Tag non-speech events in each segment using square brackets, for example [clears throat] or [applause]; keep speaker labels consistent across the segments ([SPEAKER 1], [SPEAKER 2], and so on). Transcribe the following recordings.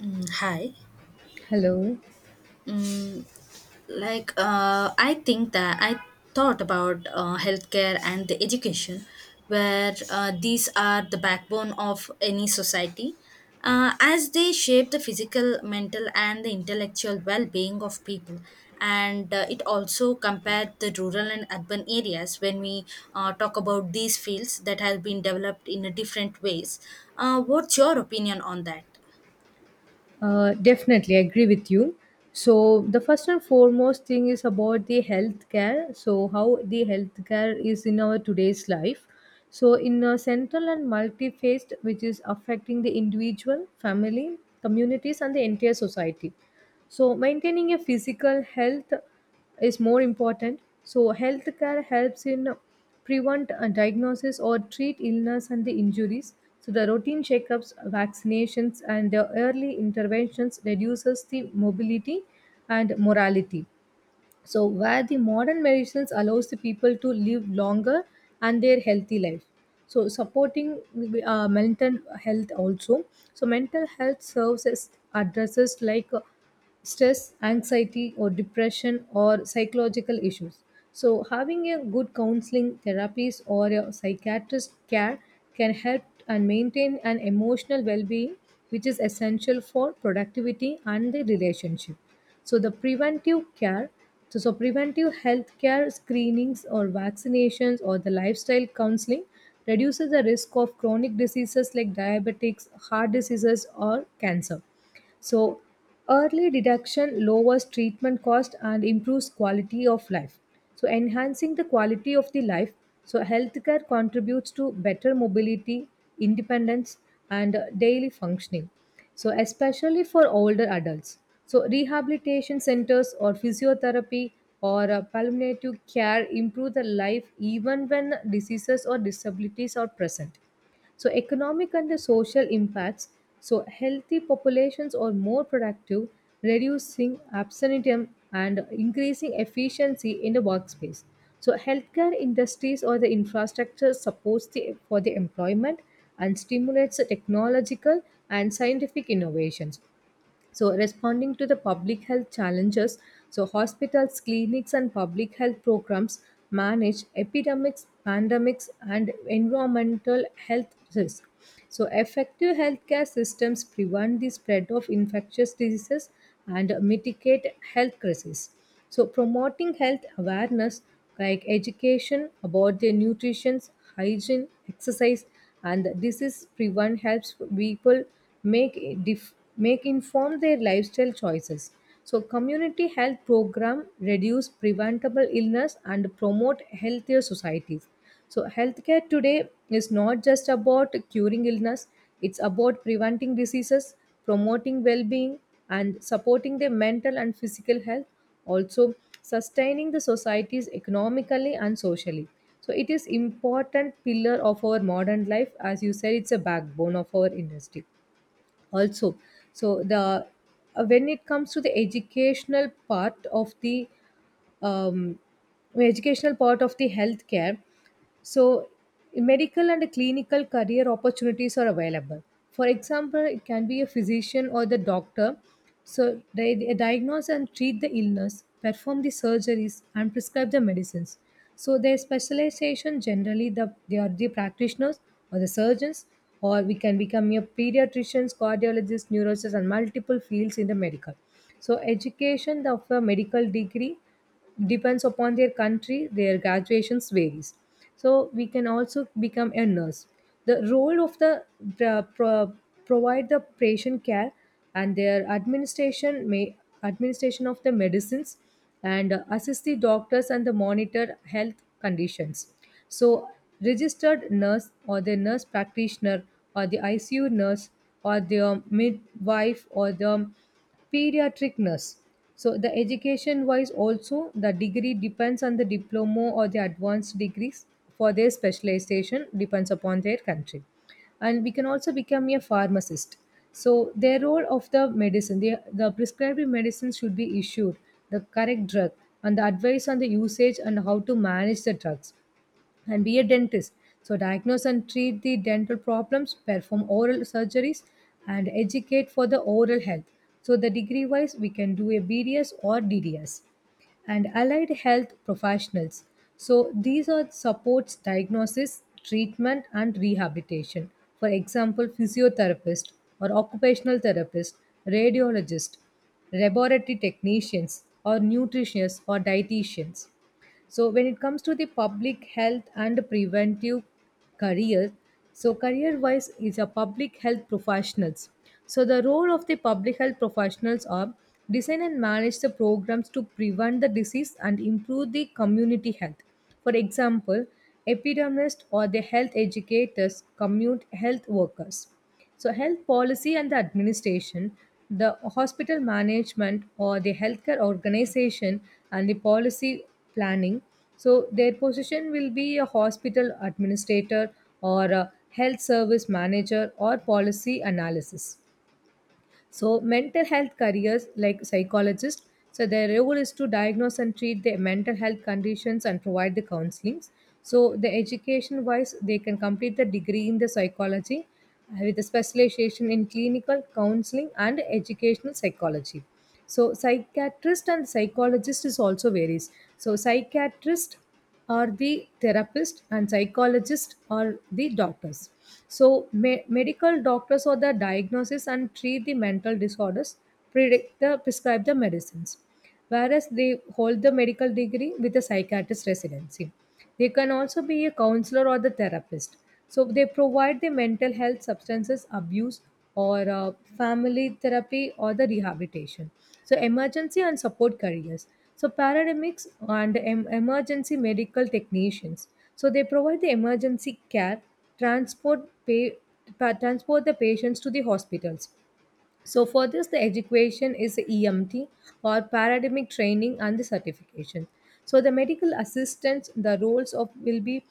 [SPEAKER 1] Hi.
[SPEAKER 2] Hello.
[SPEAKER 1] Mm, I think that I thought about healthcare and the education, where these are the backbone of any society, as they shape the physical, mental, and the intellectual well-being of people. And it also compared the rural and urban areas when we talk about these fields that have been developed in a different ways. What's your opinion on that?
[SPEAKER 2] Definitely I agree with you. So the first and foremost thing is about the healthcare. So how the healthcare is in our today's life. So in a central and multi-faced, which is affecting the individual, family, communities, and the entire society. So, maintaining a physical health is more important. So, healthcare helps in prevent a diagnosis or treat illness and the injuries. So, the routine checkups, vaccinations, and the early interventions reduces the mobility and morality, so where the modern medicines allows the people to live longer and their healthy life. So supporting mental health also. So mental health serves as addresses like stress anxiety or depression or psychological issues. So having a good counseling therapies or a psychiatrist care can help and maintain an emotional well-being, which is essential for productivity and the relationship. So the preventive care, so preventive health care screenings or vaccinations or the lifestyle counseling reduces the risk of chronic diseases like diabetics, heart diseases or cancer. So, early detection lowers treatment cost and improves quality of life. So, enhancing the quality of the life, so healthcare contributes to better mobility, independence, and daily functioning. So, especially for older adults. So, rehabilitation centers or physiotherapy or palliative care improve the life even when diseases or disabilities are present. So, economic and the social impacts. So, healthy populations are more productive, reducing absenteeism and increasing efficiency in the workspace. So, healthcare industries or the infrastructure supports for the employment and stimulates the technological and scientific innovations. So, responding to the public health challenges, so hospitals, clinics, and public health programs manage epidemics, pandemics, and environmental health risks. So, effective healthcare systems prevent the spread of infectious diseases and mitigate health crises. So, promoting health awareness like education about their nutrition, hygiene, exercise, and disease prevent helps people make dif- make inform their lifestyle choices. So community health program reduce preventable illness and promote healthier societies. So healthcare today is not just about curing illness, it's about preventing diseases, promoting well-being, and supporting their mental and physical health, also sustaining the societies economically and socially. So it is important pillar of our modern life, as you said it's a backbone of our industry also. So the when it comes to the um, educational part of the healthcare. So, medical and clinical career opportunities are available. For example, it can be a physician or the doctor. So, they diagnose and treat the illness, perform the surgeries, and prescribe the medicines. So, their specialization generally they are the practitioners or the surgeons, or we can become your pediatricians, cardiologists, neurologists, and multiple fields in the medical. So, education of a medical degree depends upon their country, their graduations varies. So we can also become a nurse, the role of the pro- pro- provide the patient care and their administration of the medicines and assist the doctors and the monitor health conditions. So registered nurse or the nurse practitioner or the ICU nurse or the midwife or the pediatric nurse. So the education wise also the degree depends on the diploma or the advanced degrees for their specialization depends upon their country. And we can also become a pharmacist. So their role of the medicine, the prescribed medicine should be issued, the correct drug and the advice on the usage and how to manage the drugs, and be a dentist. So, diagnose and treat the dental problems, perform oral surgeries, and educate for the oral health. So, the degree wise, we can do a BDS or DDS, and allied health professionals. So, these are supports diagnosis, treatment, and rehabilitation. For example, physiotherapist or occupational therapist, radiologist, laboratory technicians, or nutritionists or dietitians. So when it comes to the public health and preventive careers, so career wise is a public health professionals. So the role of the public health professionals are design and manage the programs to prevent the disease and improve the community health. For example, epidemiologists or the health educators, community health workers. So, health policy and the administration, the hospital management or the healthcare organization and the policy planning. So, their position will be a hospital administrator or a health service manager or policy analysis. So, mental health careers like psychologists, so their role is to diagnose and treat the mental health conditions and provide the counselings. So, the education wise, they can complete the degree in the psychology with a specialization in clinical counseling and educational psychology. So, psychiatrist and psychologist is also varies. So, psychiatrist are the therapist and psychologist or the doctors, so medical doctors are the diagnosis and treat the mental disorders, predict the prescribe the medicines, whereas they hold the medical degree with a psychiatrist residency. They can also be a counselor or the therapist. So they provide the mental health substances abuse or family therapy or the rehabilitation. So emergency and support careers. So paramedics and emergency medical technicians. So they provide the emergency care, transport pay, transport the patients to the hospitals. So for this, the education is the EMT or paramedic training and the certification. So the medical assistants, the roles of will be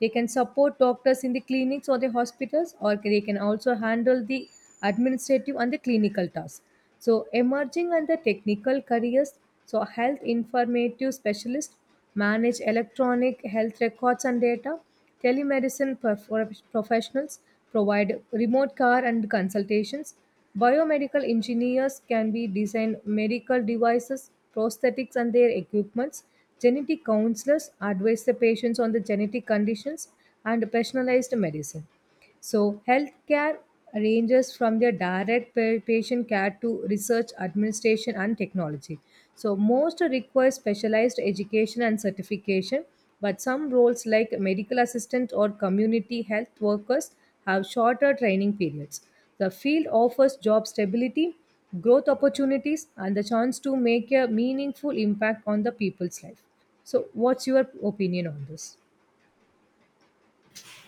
[SPEAKER 2] they can support doctors in the clinics or the hospitals, or they can also handle the administrative and the clinical tasks. So emerging and the technical careers, so health informative specialist, manage electronic health records and data, telemedicine professionals, provide remote care and consultations, biomedical engineers can be design medical devices, prosthetics and their equipments. Genetic counselors advise the patients on the genetic conditions and personalized medicine. So, healthcare ranges from their direct patient care to research, administration, and technology. So, most require specialized education and certification, but some roles like medical assistant or community health workers have shorter training periods. The field offers job stability, growth opportunities, and the chance to make a meaningful impact on the people's life. So, what's your opinion on this?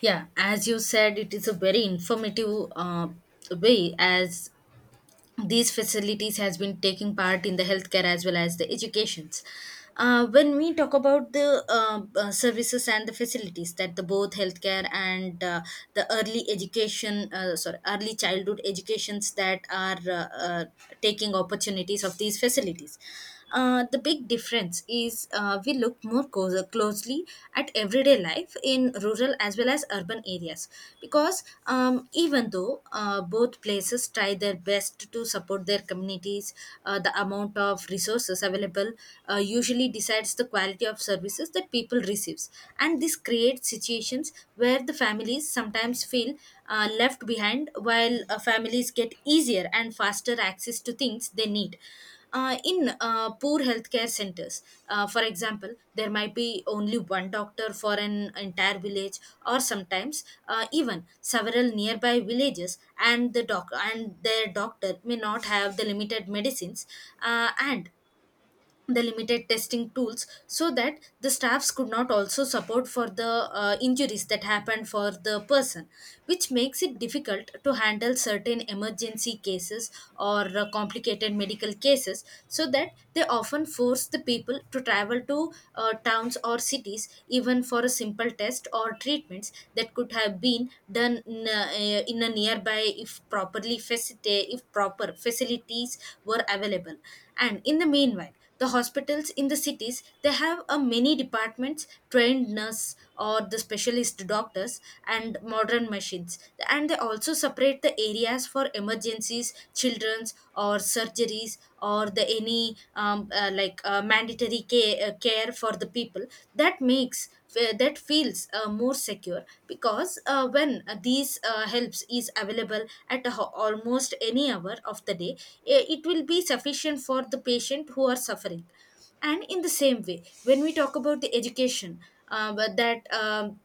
[SPEAKER 1] Yeah, as you said, it is a very informative way as these facilities has been taking part in the healthcare as well as the educations. When we talk about the services and the facilities that the both healthcare and the early education, sorry, early childhood educations that are taking opportunities of these facilities. The big difference is we look more closely at everyday life in rural as well as urban areas because even though both places try their best to support their communities, the amount of resources available usually decides the quality of services that people receives, and this creates situations where the families sometimes feel left behind, while families get easier and faster access to things they need in poor healthcare centers. For example, there might be only one doctor for an entire village, or sometimes even several nearby villages, and their doctor may not have the limited medicines, and the limited testing tools so that the staffs could not also support for the injuries that happened for the person, which makes it difficult to handle certain emergency cases or complicated medical cases so that they often force the people to travel to towns or cities even for a simple test or treatments that could have been done in a nearby if properly facility if proper facilities were available. And in the meanwhile, the hospitals in the cities, they have a many departments, trained nurse or the specialist doctors and modern machines, and they also separate the areas for emergencies, children's or surgeries, or the any mandatory care for the people that makes that feels more secure because when these helps is available at almost any hour of the day. It will be sufficient for the patient who are suffering. And in the same way, when we talk about the education, but that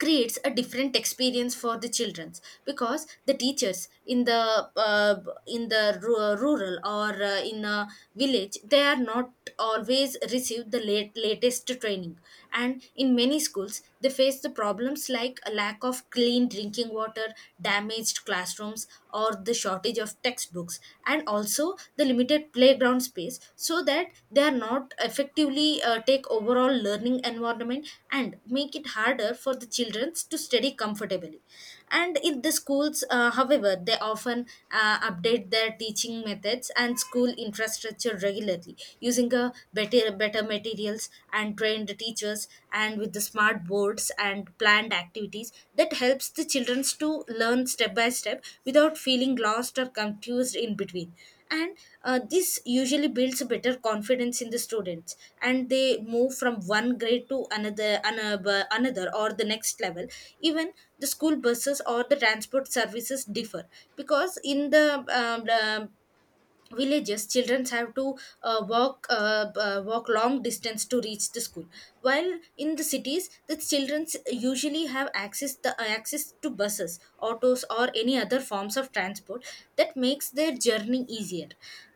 [SPEAKER 1] creates a different experience for the childrens, because the teachers in the rural or in a village, they are not always receive the latest training, and in many schools they face the problems like a lack of clean drinking water, damaged classrooms, or the shortage of textbooks, and also the limited playground space, so that they are not effectively actively take overall learning environment and make it harder for the children to study comfortably. And in the schools however, they often update their teaching methods and school infrastructure regularly, using a better materials and trained teachers, and with the smart boards and planned activities that helps the children to learn step by step without feeling lost or confused in between. And this usually builds a better confidence in the students, and they move from one grade to another or the next level. Even the school buses or the transport services differ, because in the villages children have to walk long distance to reach the school, while in the cities the children usually have access to buses, autos, or any other forms of transport that makes their journey easier.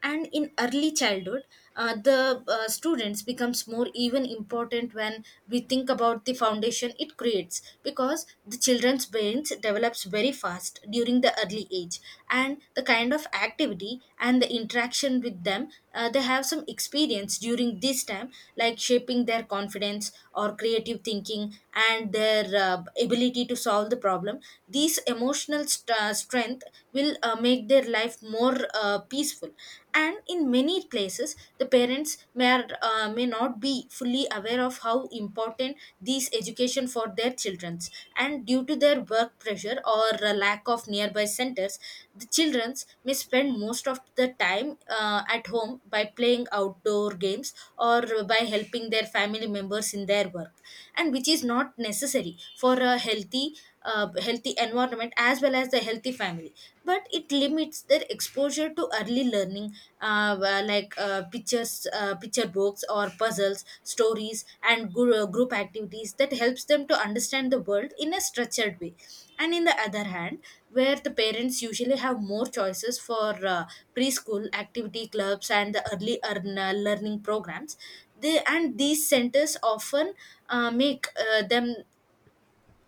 [SPEAKER 1] And in early childhood, the students becomes more even important when we think about the foundation it creates, because the children's brains develops very fast during the early age, and the kind of activity and the interaction with them, they have some experience during this time, like shaping their confidence or creative thinking and their ability to solve the problem. These emotional strength will make their life more peaceful. And in many places the parents may not be fully aware of how important these education for their children, and due to their work pressure or a lack of nearby centers, the children may spend most of the time at home by playing outdoor games or by helping their family members in their work, and which is not necessary for a healthy healthy environment as well as the healthy family, but it limits their exposure to early learning, where like picture books or puzzles, stories, and group activities that helps them to understand the world in a structured way. And in the other hand, where the parents usually have more choices for preschool activity clubs and the early learning programs, they and these centers often make them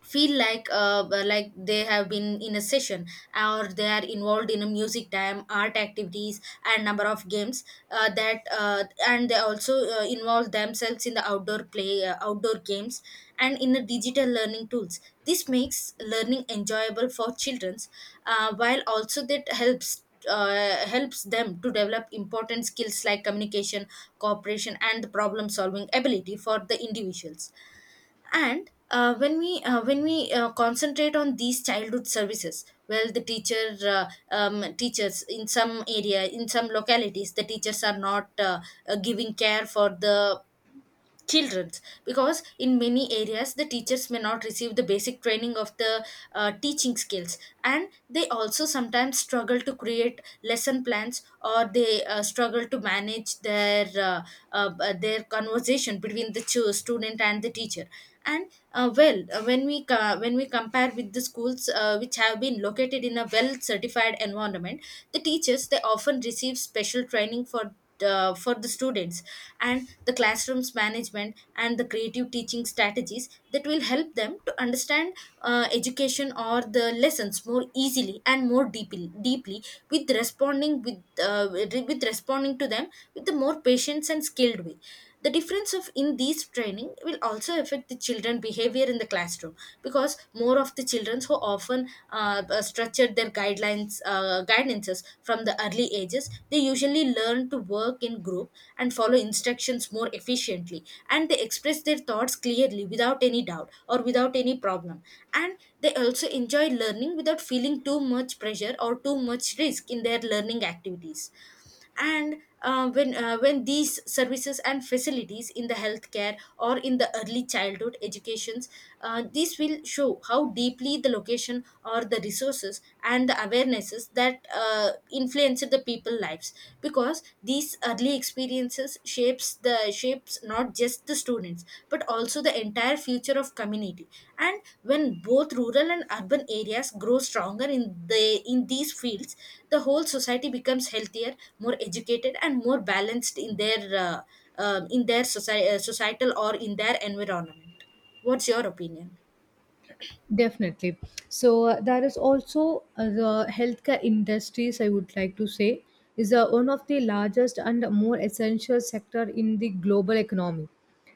[SPEAKER 1] feel like they have been in a session, or they are involved in a music time, art activities, and number of games, that and they also involve themselves in the outdoor games and in the digital learning tools. This makes learning enjoyable for children, while also that helps them to develop important skills like communication, cooperation, and problem solving ability for the individuals. And when we concentrate on these childhood services, well, the teachers in some area, in some localities, the teachers are not giving care for the children's, because in many areas the teachers may not receive the basic training of the teaching skills, and they also sometimes struggle to create lesson plans, or they struggle to manage their conversation between the student and the teacher. And when we compare with the schools which have been located in a well certified environment, the teachers they often receive special training for the students and the classrooms management and the creative teaching strategies that will help them to understand education or the lessons more easily and more deeply, with responding to them with the more patience and skilled way. The difference of in these training will also affect the children behavior in the classroom, because more of the children who often structured their guidelines guidances from the early ages, they usually learn to work in group and follow instructions more efficiently, and they express their thoughts clearly without any doubt or without any problem, and they also enjoy learning without feeling too much pressure or too much risk in their learning activities. And when when these services and facilities in the healthcare or in the early childhood educations, this will show how deeply the location or the resources and the awarenesses that influenced the people lives, because these early experiences shapes not just the students but also the entire future of community. And when both rural and urban areas grow stronger in these fields, the whole society becomes healthier, more educated, and more balanced uh, in their societal or in their environment. What's your opinion?
[SPEAKER 2] Definitely. So there is also the healthcare industries. I would like to say is one of the largest and more essential sector in the global economy.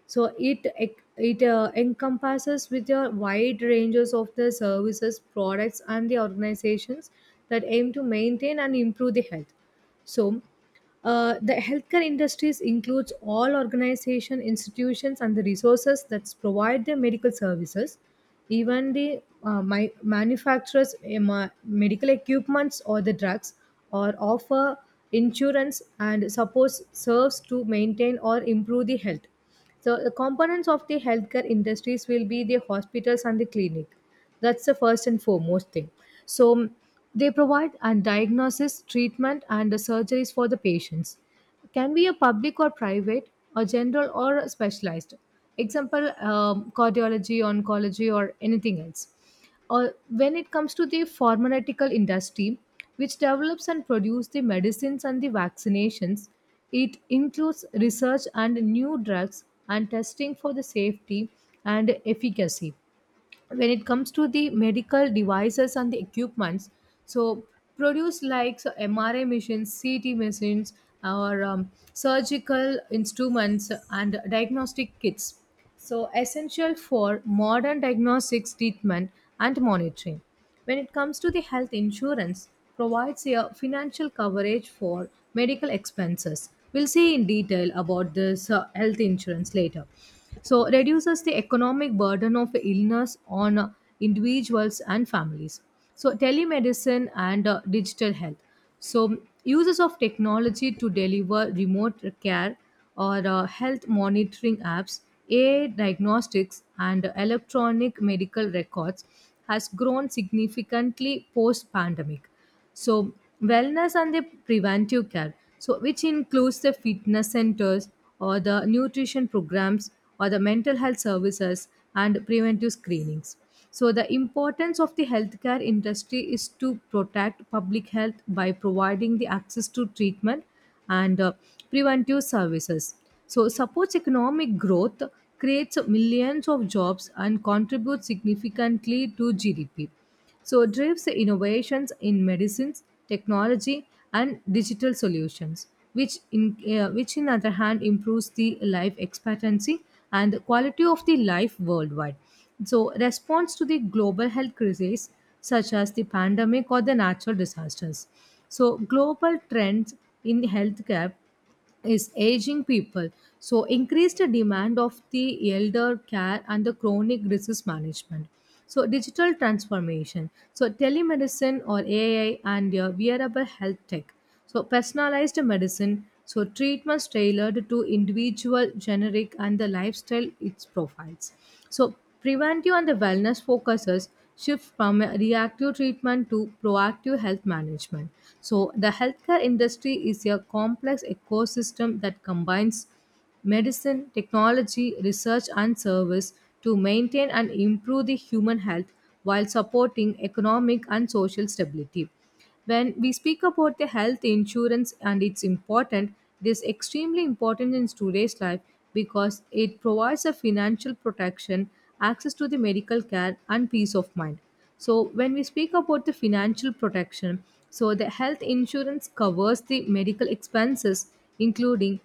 [SPEAKER 2] So it encompasses with a wide ranges of the services, products, and the organizations that aim to maintain and improve the health. So, the healthcare industries includes all organization, institutions, and the resources that provide their medical services, even the my manufacturers medical equipments or the drugs, or offer insurance and support serves to maintain or improve the health. So the components of the healthcare industries will be the hospitals and the clinic. That's the first and foremost thing. So they provide and diagnosis, treatment, and the surgeries for the patients. Can be a public or private, or general or specialized. Example: cardiology, oncology, or anything else. Or when it comes to the pharmaceutical industry, which develops and produces the medicines and the vaccinations, it includes research and new drugs and testing for the safety and efficacy. When it comes to the medical devices and the equipments, so produce like so MRI machines, CT machines, or surgical instruments and diagnostic kits, so essential for modern diagnostics treatment and monitoring. When it comes to the health insurance, provides a financial coverage for medical expenses. We'll see in detail about this health insurance later. So, reduces the economic burden of illness on individuals and families. So, telemedicine and digital health. So, uses of technology to deliver remote care or health monitoring apps, AI diagnostics, and electronic medical records has grown significantly post pandemic. So, wellness and the preventive care, so which includes the fitness centers or the nutrition programs or the mental health services and preventive screenings. So, the importance of the healthcare industry is to protect public health by providing the access to treatment and preventive services. So, supports economic growth, creates millions of jobs, and contributes significantly to GDP. So, it drives innovations in medicines, technology, and digital solutions, which, which in other hand, improves the life expectancy and the quality of the life worldwide. So, response to the global health crisis such as the pandemic or the natural disasters. So, global trends in healthcare is aging people. So, increased demand of the elder care and the chronic disease management. So, digital transformation. So, telemedicine or AI and your wearable health tech. So, personalized medicine, so treatments tailored to individual, generic, and the lifestyle it profiles. So, preventive and the wellness focuses shift from a reactive treatment to proactive health management. So, the healthcare industry is a complex ecosystem that combines medicine, technology, research, and service to maintain and improve the human health while supporting economic and social stability. When we speak about the health insurance and it's important, it is extremely important in today's life because it provides a financial protection, access to the medical care and peace of mind. So when we speak about the financial protection, so the health insurance covers the medical expenses including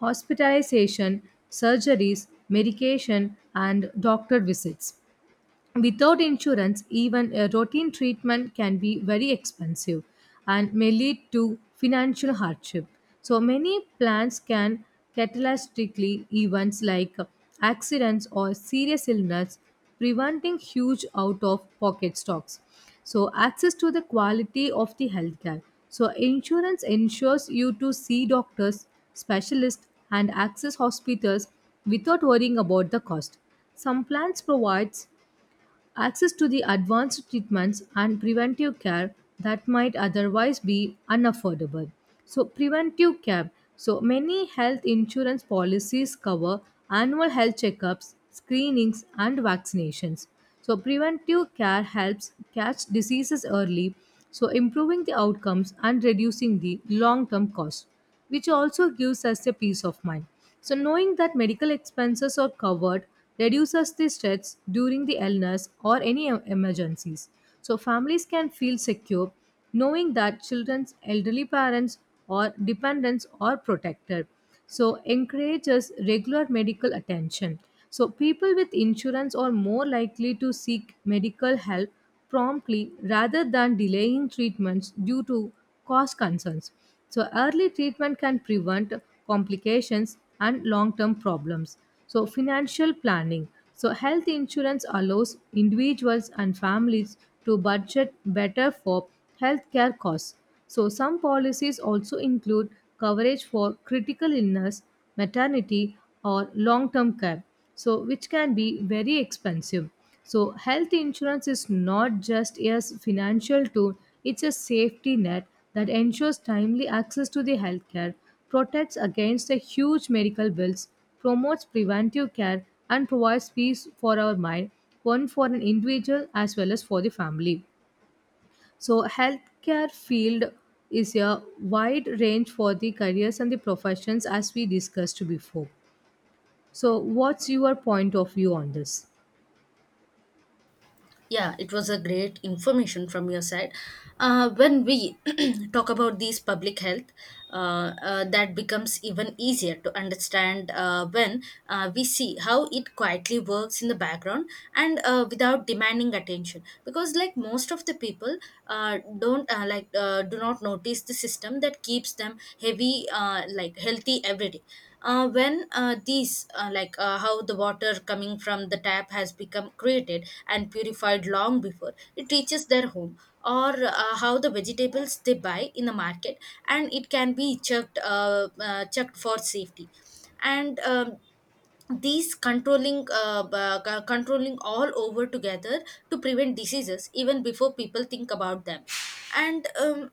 [SPEAKER 2] hospitalization, surgeries, medication and doctor visits. Without insurance, even a routine treatment can be very expensive and may lead to financial hardship. So, many plans can catastrophic events like accidents or serious illness, preventing huge out of pocket stocks. So, access to the quality of the healthcare. So, insurance ensures you to see doctors, specialists, and access hospitals without worrying about the cost. Some plans provides access to the advanced treatments and preventive care that might otherwise be unaffordable. So, preventive care. So, many health insurance policies cover annual health checkups, screenings, and vaccinations. So, preventive care helps catch diseases early, so improving the outcomes and reducing the long term cost, which also gives us a peace of mind. So, knowing that medical expenses are covered reduces the stress during the illness or any emergencies. So, families can feel secure knowing that children's elderly parents or dependents are protected. So, encourages regular medical attention. So, people with insurance are more likely to seek medical help promptly rather than delaying treatments due to cost concerns. So, early treatment can prevent complications and long term problems. So, financial planning. So, health insurance allows individuals and families to budget better for healthcare costs. So, some policies also include coverage for critical illness, maternity, or long term care, so which can be very expensive. So, health insurance is not just a financial tool, it's a safety net that ensures timely access to the healthcare, protects against the huge medical bills, promotes preventive care, and provides peace for our mind, one for an individual as well as for the family. So healthcare field is a wide range for the careers and the professions as we discussed before. So what's your point of view on this?
[SPEAKER 1] Yeah, it was a great information from your side. When we [clears throat] talk about these public health, that becomes even easier to understand when we see how it quietly works in the background and without demanding attention. Because like most of the people don't do not notice the system that keeps them heavy like healthy every day when these like How the water coming from the tap has become created and purified long before it reaches their home or how the vegetables they buy in the market and it can be checked for safety, and these controlling controlling all over together to prevent diseases even before people think about them. and um,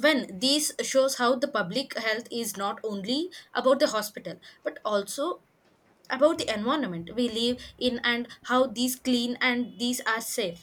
[SPEAKER 1] when these shows how the public health is not only about the hospital but also about the environment we live in and how these clean and these are safe.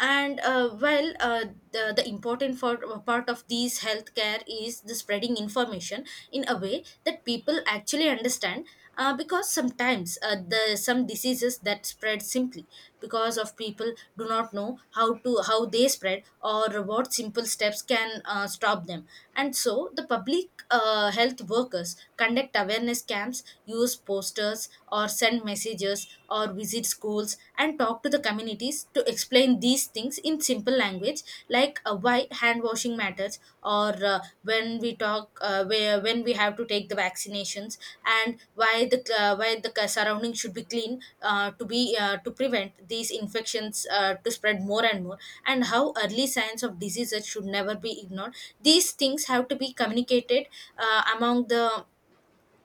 [SPEAKER 1] And uh, well uh, the, the important part of these healthcare is the spreading information in a way that people actually understand, because sometimes the some diseases that spread simply because of people do not know how they spread or what simple steps can stop them. And so the public health workers conduct awareness camps programs, use posters or send messages or visit schools and talk to the communities to explain these things in simple language, like why hand washing matters or when we have to take the vaccinations, and why the surrounding should be clean to prevent these infections to spread more and more, and how early signs of diseases should never be ignored. These things have to be communicated among the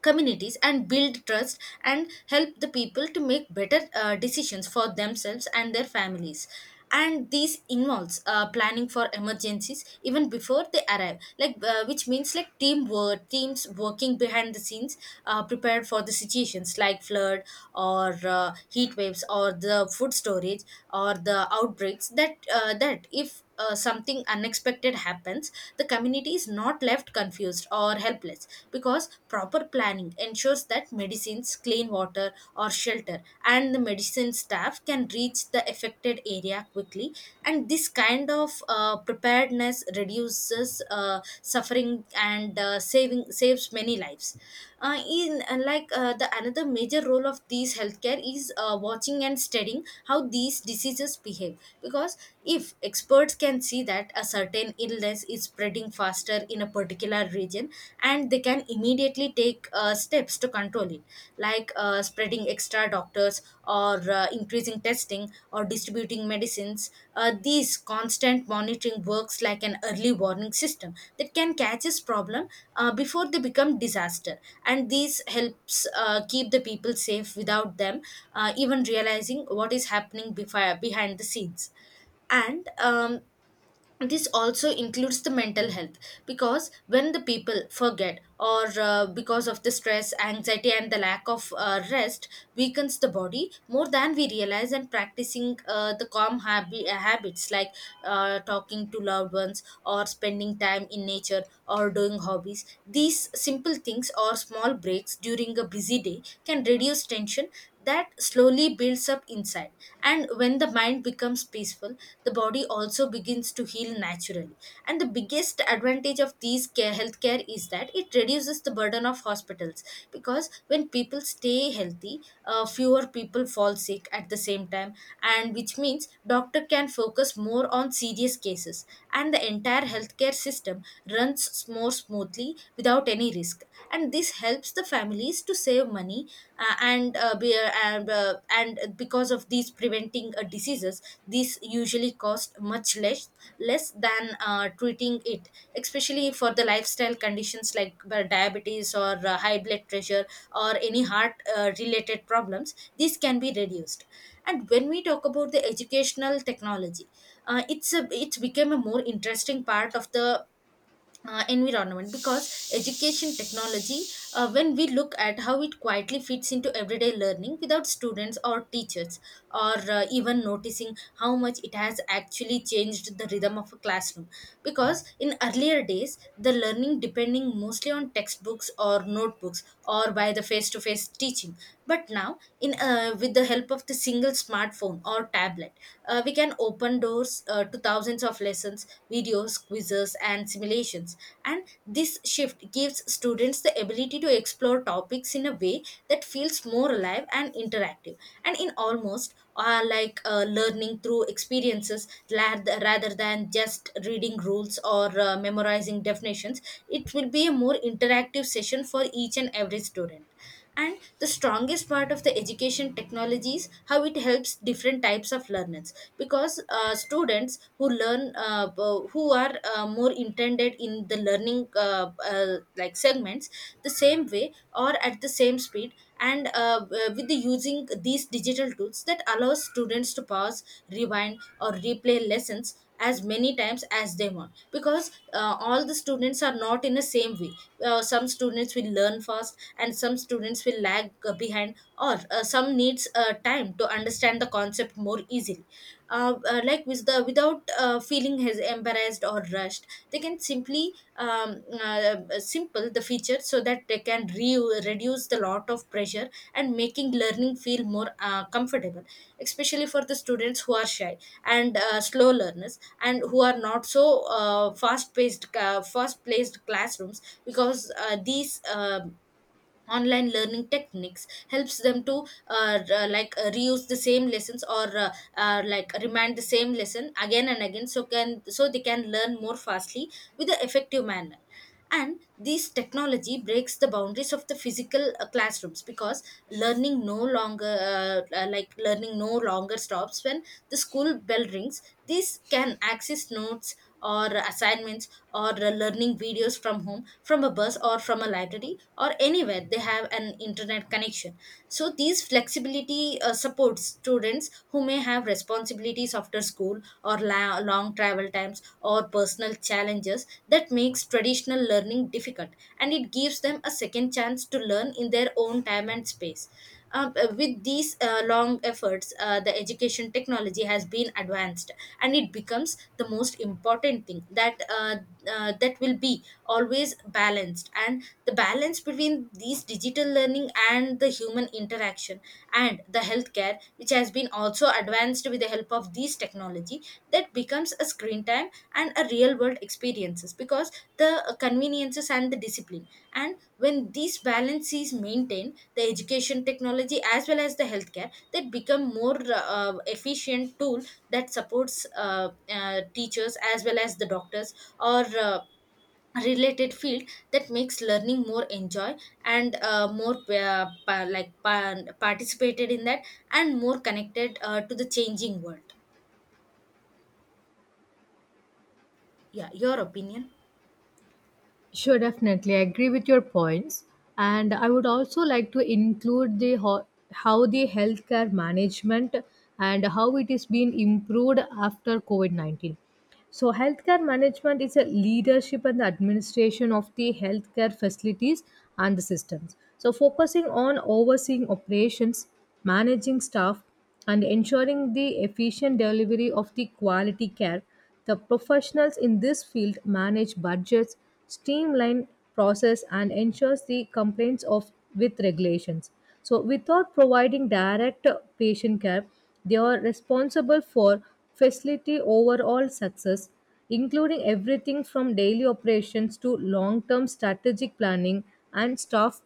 [SPEAKER 1] communities and build trust and help the people to make better decisions for themselves and their families. And this involves planning for emergencies even before they arrive, like which means like teamwork teams working behind the scenes, prepared for the situations like flood or heat waves or the food storage or the outbreaks that that if something unexpected happens, the community is not left confused or helpless, because proper planning ensures that medicines, clean water, or shelter, and the medicine staff can reach the affected area quickly. And this kind of preparedness reduces suffering and saving saves many lives. In like The another major role of these healthcare is watching and studying how these diseases behave, because if experts can see that a certain illness is spreading faster in a particular region, and they can immediately take steps to control it, like spreading extra doctors or increasing testing or distributing medicines. These constant monitoring works like an early warning system that can catch this problem before they become disaster. And this helps keep the people safe without them even realizing what is happening behind the scenes. And um, this also includes the mental health, because when the people forget or because of the stress anxiety and the lack of rest weakens the body more than we realize, and practicing the calm habits like talking to loved ones or spending time in nature or doing hobbies, these simple things or small breaks during a busy day can reduce tension that slowly builds up inside. And when the mind becomes peaceful, the body also begins to heal naturally. And the biggest advantage of these care healthcare is that it reduces the burden of hospitals, because when people stay healthy, fewer people fall sick at the same time, and which means doctor can focus more on serious cases, and the entire healthcare system runs more smoothly without any risk. And this helps the families to save money, and because of these preventing diseases, these usually cost much less than treating it, especially for the lifestyle conditions like diabetes or high blood pressure or any heart related problems, these can be reduced. And when we talk about the educational technology, it's become a more interesting part of the environment, because education technology, when we look at how it quietly fits into everyday learning without students or teachers or even noticing how much it has actually changed the rhythm of a classroom, because in earlier days the learning depending mostly on textbooks or notebooks or by the face to face teaching, but now in with the help of the single smartphone or tablet, we can open doors to thousands of lessons, videos, quizzes, and simulations. And this shift gives students the ability to explore topics in a way that feels more alive and interactive. And in almost learning through experiences rather than just reading rules or memorizing definitions, it will be a more interactive session for each and every student. And the strongest part of the education technology is how it helps different types of learners, because students who learn who are more intended in the learning segments the same way or at the same speed. And with the Using these digital tools that allows students to pause, rewind or replay lessons as many times as they want, because all the students are not in the same way. Some students will learn fast and some students will lag behind, or some needs time to understand the concept more easily, like with the without feeling has embarrassed or rushed, they can simply simple the feature so that they can reduce the lot of pressure and making learning feel more comfortable, especially for the students who are shy and slow learners and who are not so fast placed classrooms, because these online learning techniques helps them to reuse the same lessons or remind the same lesson again and again so can so they can learn more fastly with an effective manner. And this technology breaks the boundaries of the physical classrooms, because learning no longer stops when the school bell rings. This can access notes or assignments or learning videos from home, from a bus or from a library or anywhere they have an internet connection. So these this flexibility supports students who may have responsibilities after school or long travel times or personal challenges that makes traditional learning difficult, and it gives them a second chance to learn in their own time and space. With these long efforts, the education technology has been advanced, and it becomes the most important thing that that will be always balanced, and the balance between these digital learning and the human interaction and the healthcare which has been also advanced with the help of these technology, that becomes a screen time and a real world experiences, because the conveniences and the discipline, and when these balance is maintained, the education technology as well as the healthcare that become more efficient tool that supports teachers as well as the doctors or related field, that makes learning more enjoy and more participated in that and more connected to the changing world. Yeah, your opinion?
[SPEAKER 2] Sure, definitely. I agree with your points. And I would also like to include the how the healthcare management and how it is being improved after COVID 19. So, healthcare management is a leadership and the administration of the healthcare facilities and the systems. So, focusing on overseeing operations, managing staff, and ensuring the efficient delivery of the quality care, the professionals in this field manage budgets, streamline process and ensures the compliance of with regulations. So without providing direct patient care, they are responsible for facility overall success, including everything from daily operations to long-term strategic planning and staff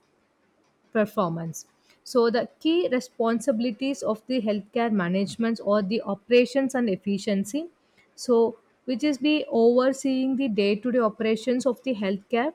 [SPEAKER 2] performance. So, the key responsibilities of the healthcare management or the operations and efficiency. So, which is be overseeing the day to day operations of the healthcare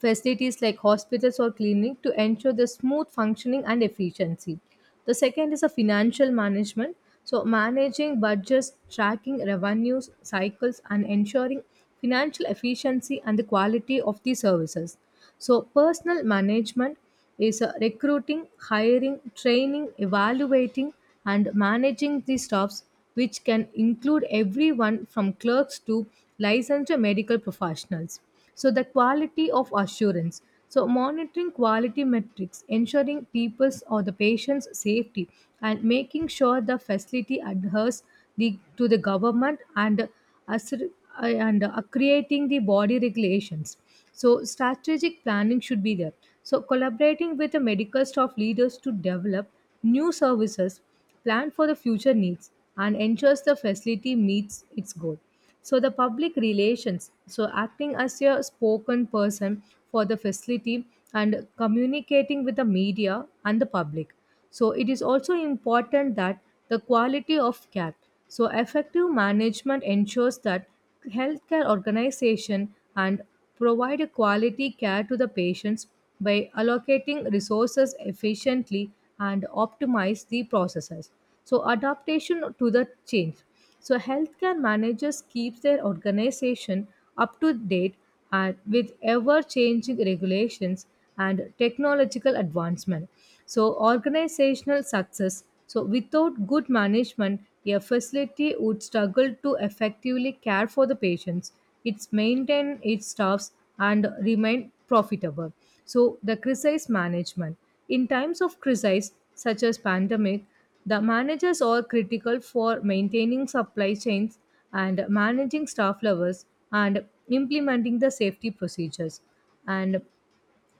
[SPEAKER 2] facilities like hospitals or clinic to ensure the smooth functioning and efficiency. The second is a financial management. So managing budgets, tracking revenues, cycles, and ensuring financial efficiency and the quality of the services. So personal management is recruiting, hiring, training, evaluating, and managing the staffs, which can include everyone from clerks to licensed medical professionals. So the quality of assurance. So monitoring quality metrics, ensuring people's or the patient's safety, and making sure the facility adheres to the government and assur- and creating the body regulations. So strategic planning should be there. So collaborating with the medical staff leaders to develop new services, plan for the future needs and ensures the facility meets its goal. So the public relations, so acting as a spoken person for the facility and communicating with the media and the public. So it is also important that the quality of care, so effective management ensures that healthcare organization and provide a quality care to the patients by allocating resources efficiently and optimize the processes. So, adaptation to the change. So, healthcare managers keep their organization up to date and with ever changing regulations and technological advancement. So, organizational success. So, without good management, a facility would struggle to effectively care for the patients, its maintain its staffs, and remain profitable. So, the crisis management. In times of crisis such as pandemic, the managers are critical for maintaining supply chains and managing staff levels and implementing the safety procedures. And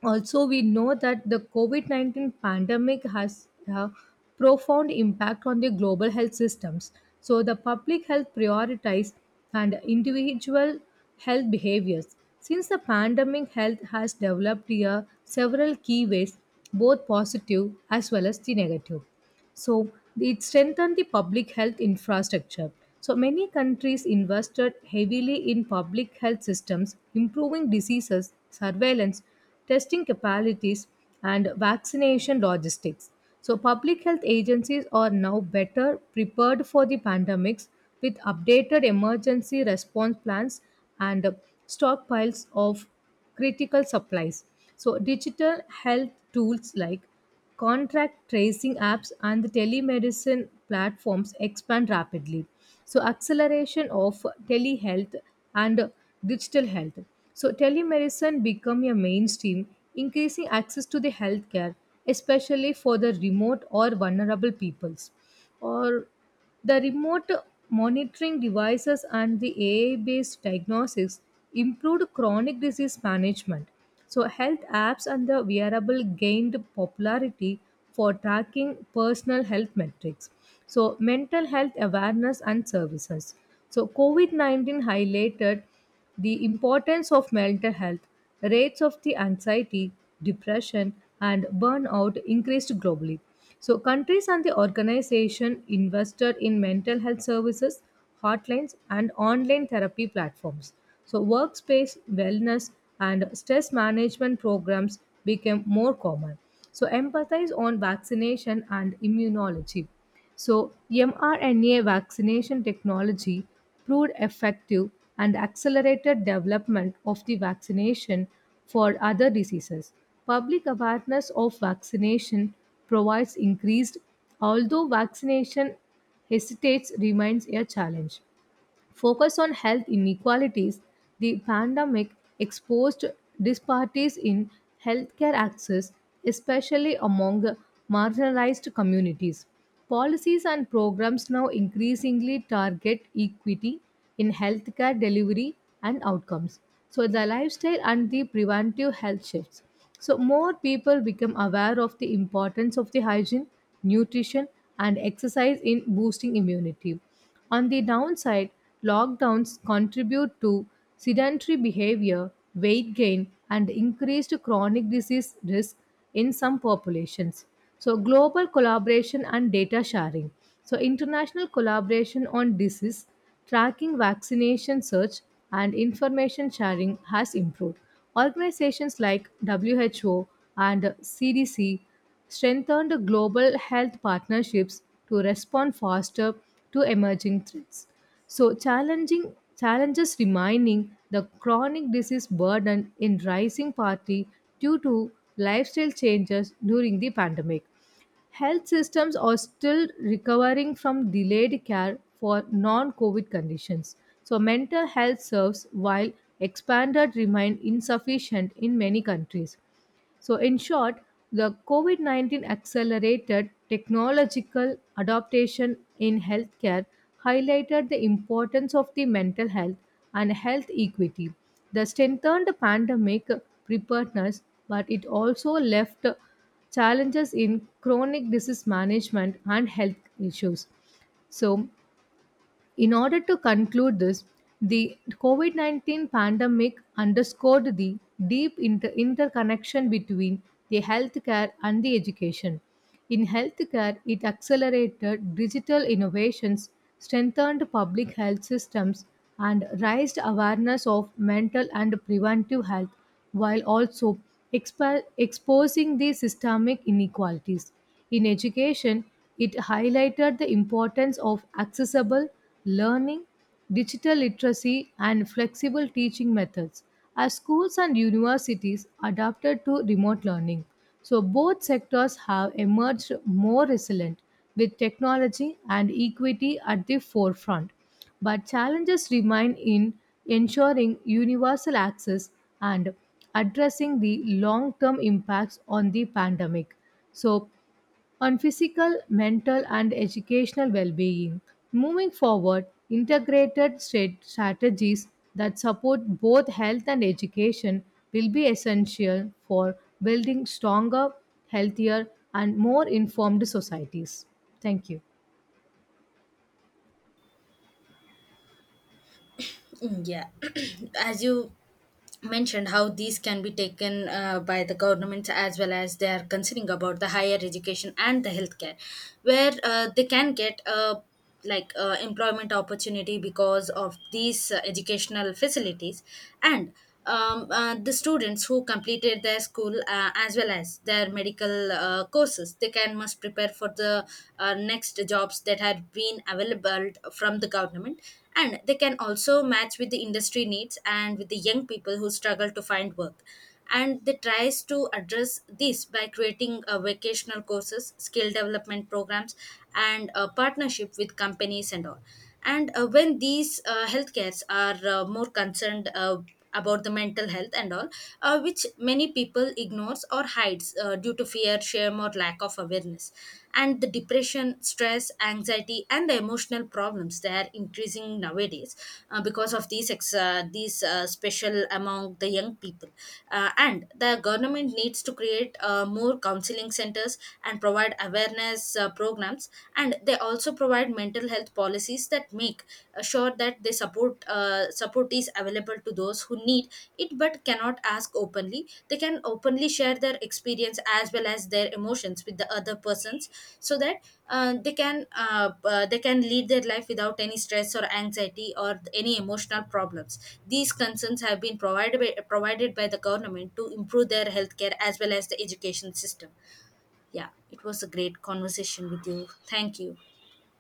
[SPEAKER 2] also, we know that the COVID 19 pandemic has a profound impact on the global health systems. So, the public health priorities and individual health behaviors. Since the pandemic, health has developed here several key ways, both positive as well as the negative. So it strengthened the public health infrastructure. So many countries invested heavily in public health systems, improving diseases, surveillance, testing capabilities, and vaccination logistics. So public health agencies are now better prepared for the pandemics with updated emergency response plans and stockpiles of critical supplies. So digital health tools like contract tracing apps and the telemedicine platforms expand rapidly. So, acceleration of telehealth and digital health. So, telemedicine become a mainstream, increasing access to the healthcare, especially for the remote or vulnerable peoples or the remote monitoring devices and the AI based diagnostics improved chronic disease management. So, health apps and the wearable gained popularity for tracking personal health metrics. So, mental health awareness and services. So, COVID 19 highlighted the importance of mental health, rates of the anxiety, depression, and burnout increased globally. So, countries and the organization invested in mental health services, hotlines, and online therapy platforms. So, workspace wellness and stress management programs became more common. So, empathize on vaccination and immunology. So, mRNA vaccination technology proved effective and accelerated development of the vaccination for other diseases. Public awareness of vaccination provides increased, although vaccination hesitates remains a challenge. Focus on health inequalities, the pandemic exposed disparities in healthcare access, especially among marginalized communities. Policies and programs now increasingly target equity in healthcare delivery and outcomes. So, the lifestyle and the preventive health shifts. So, more people become aware of the importance of the hygiene, nutrition, and exercise in boosting immunity. On the downside, lockdowns contribute to sedentary behavior, weight gain, and increased chronic disease risk in some populations. So, global collaboration and data sharing. So, international collaboration on disease tracking, vaccination search, and information sharing has improved. Organizations like WHO and CDC strengthened global health partnerships to respond faster to emerging threats. So, challenging challenges remaining the chronic disease burden in rising party due to lifestyle changes during the pandemic. Health systems are still recovering from delayed care for non COVID conditions. So, mental health serves while expanded remain insufficient in many countries. So, in short, the COVID 19 accelerated technological adaptation in healthcare highlighted the importance of the mental health and health equity. The strengthened pandemic preparedness, but it also left challenges in chronic disease management and health issues. So, in order to conclude this, the COVID 19 pandemic underscored the deep interconnection between the healthcare and the education. In healthcare, it accelerated digital innovations, strengthened public health systems, and raised awareness of mental and preventive health while also exposing the systemic inequalities. In education, it highlighted the importance of accessible learning, digital literacy, and flexible teaching methods as schools and universities adapted to remote learning. So, both sectors have emerged more resilient with technology and equity at the forefront. But challenges remain in ensuring universal access and addressing the long term impacts on the pandemic. So, on physical, mental, and educational well being. Moving forward, integrated state strategies that support both health and education will be essential for building stronger, healthier, and more informed societies. Thank you.
[SPEAKER 1] Yeah, [clears throat] as you mentioned how these can be taken by the governments as well as they are considering about the higher education and the healthcare, where they can get employment opportunity because of these educational facilities. And um, uh, the students who completed their school as well as their medical courses, they can must prepare for the next jobs that have been available from the government, and they can also match with the industry needs and with the young people who struggle to find work, and they tries to address this by creating vocational courses skill development programs and partnership with companies and all. And when these healthcares are more concerned about the mental health and all, which many people ignores or hides due to fear shame or lack of awareness, and the depression stress anxiety and the emotional problems they are increasing nowadays, because of these special among the young people. And the government needs to create more counseling centers and provide awareness programs, and they also provide mental health policies that make sure that they support is available to those who need it but cannot ask openly. They can openly share their experience as well as their emotions with the other persons so that uh, they can they can lead their life without any stress or anxiety or any emotional problems. These concerns have been provided by the government to improve their healthcare as well as the education system. Yeah, it was a great conversation with you. Thank you.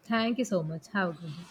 [SPEAKER 2] Thank you so much. Have a good day.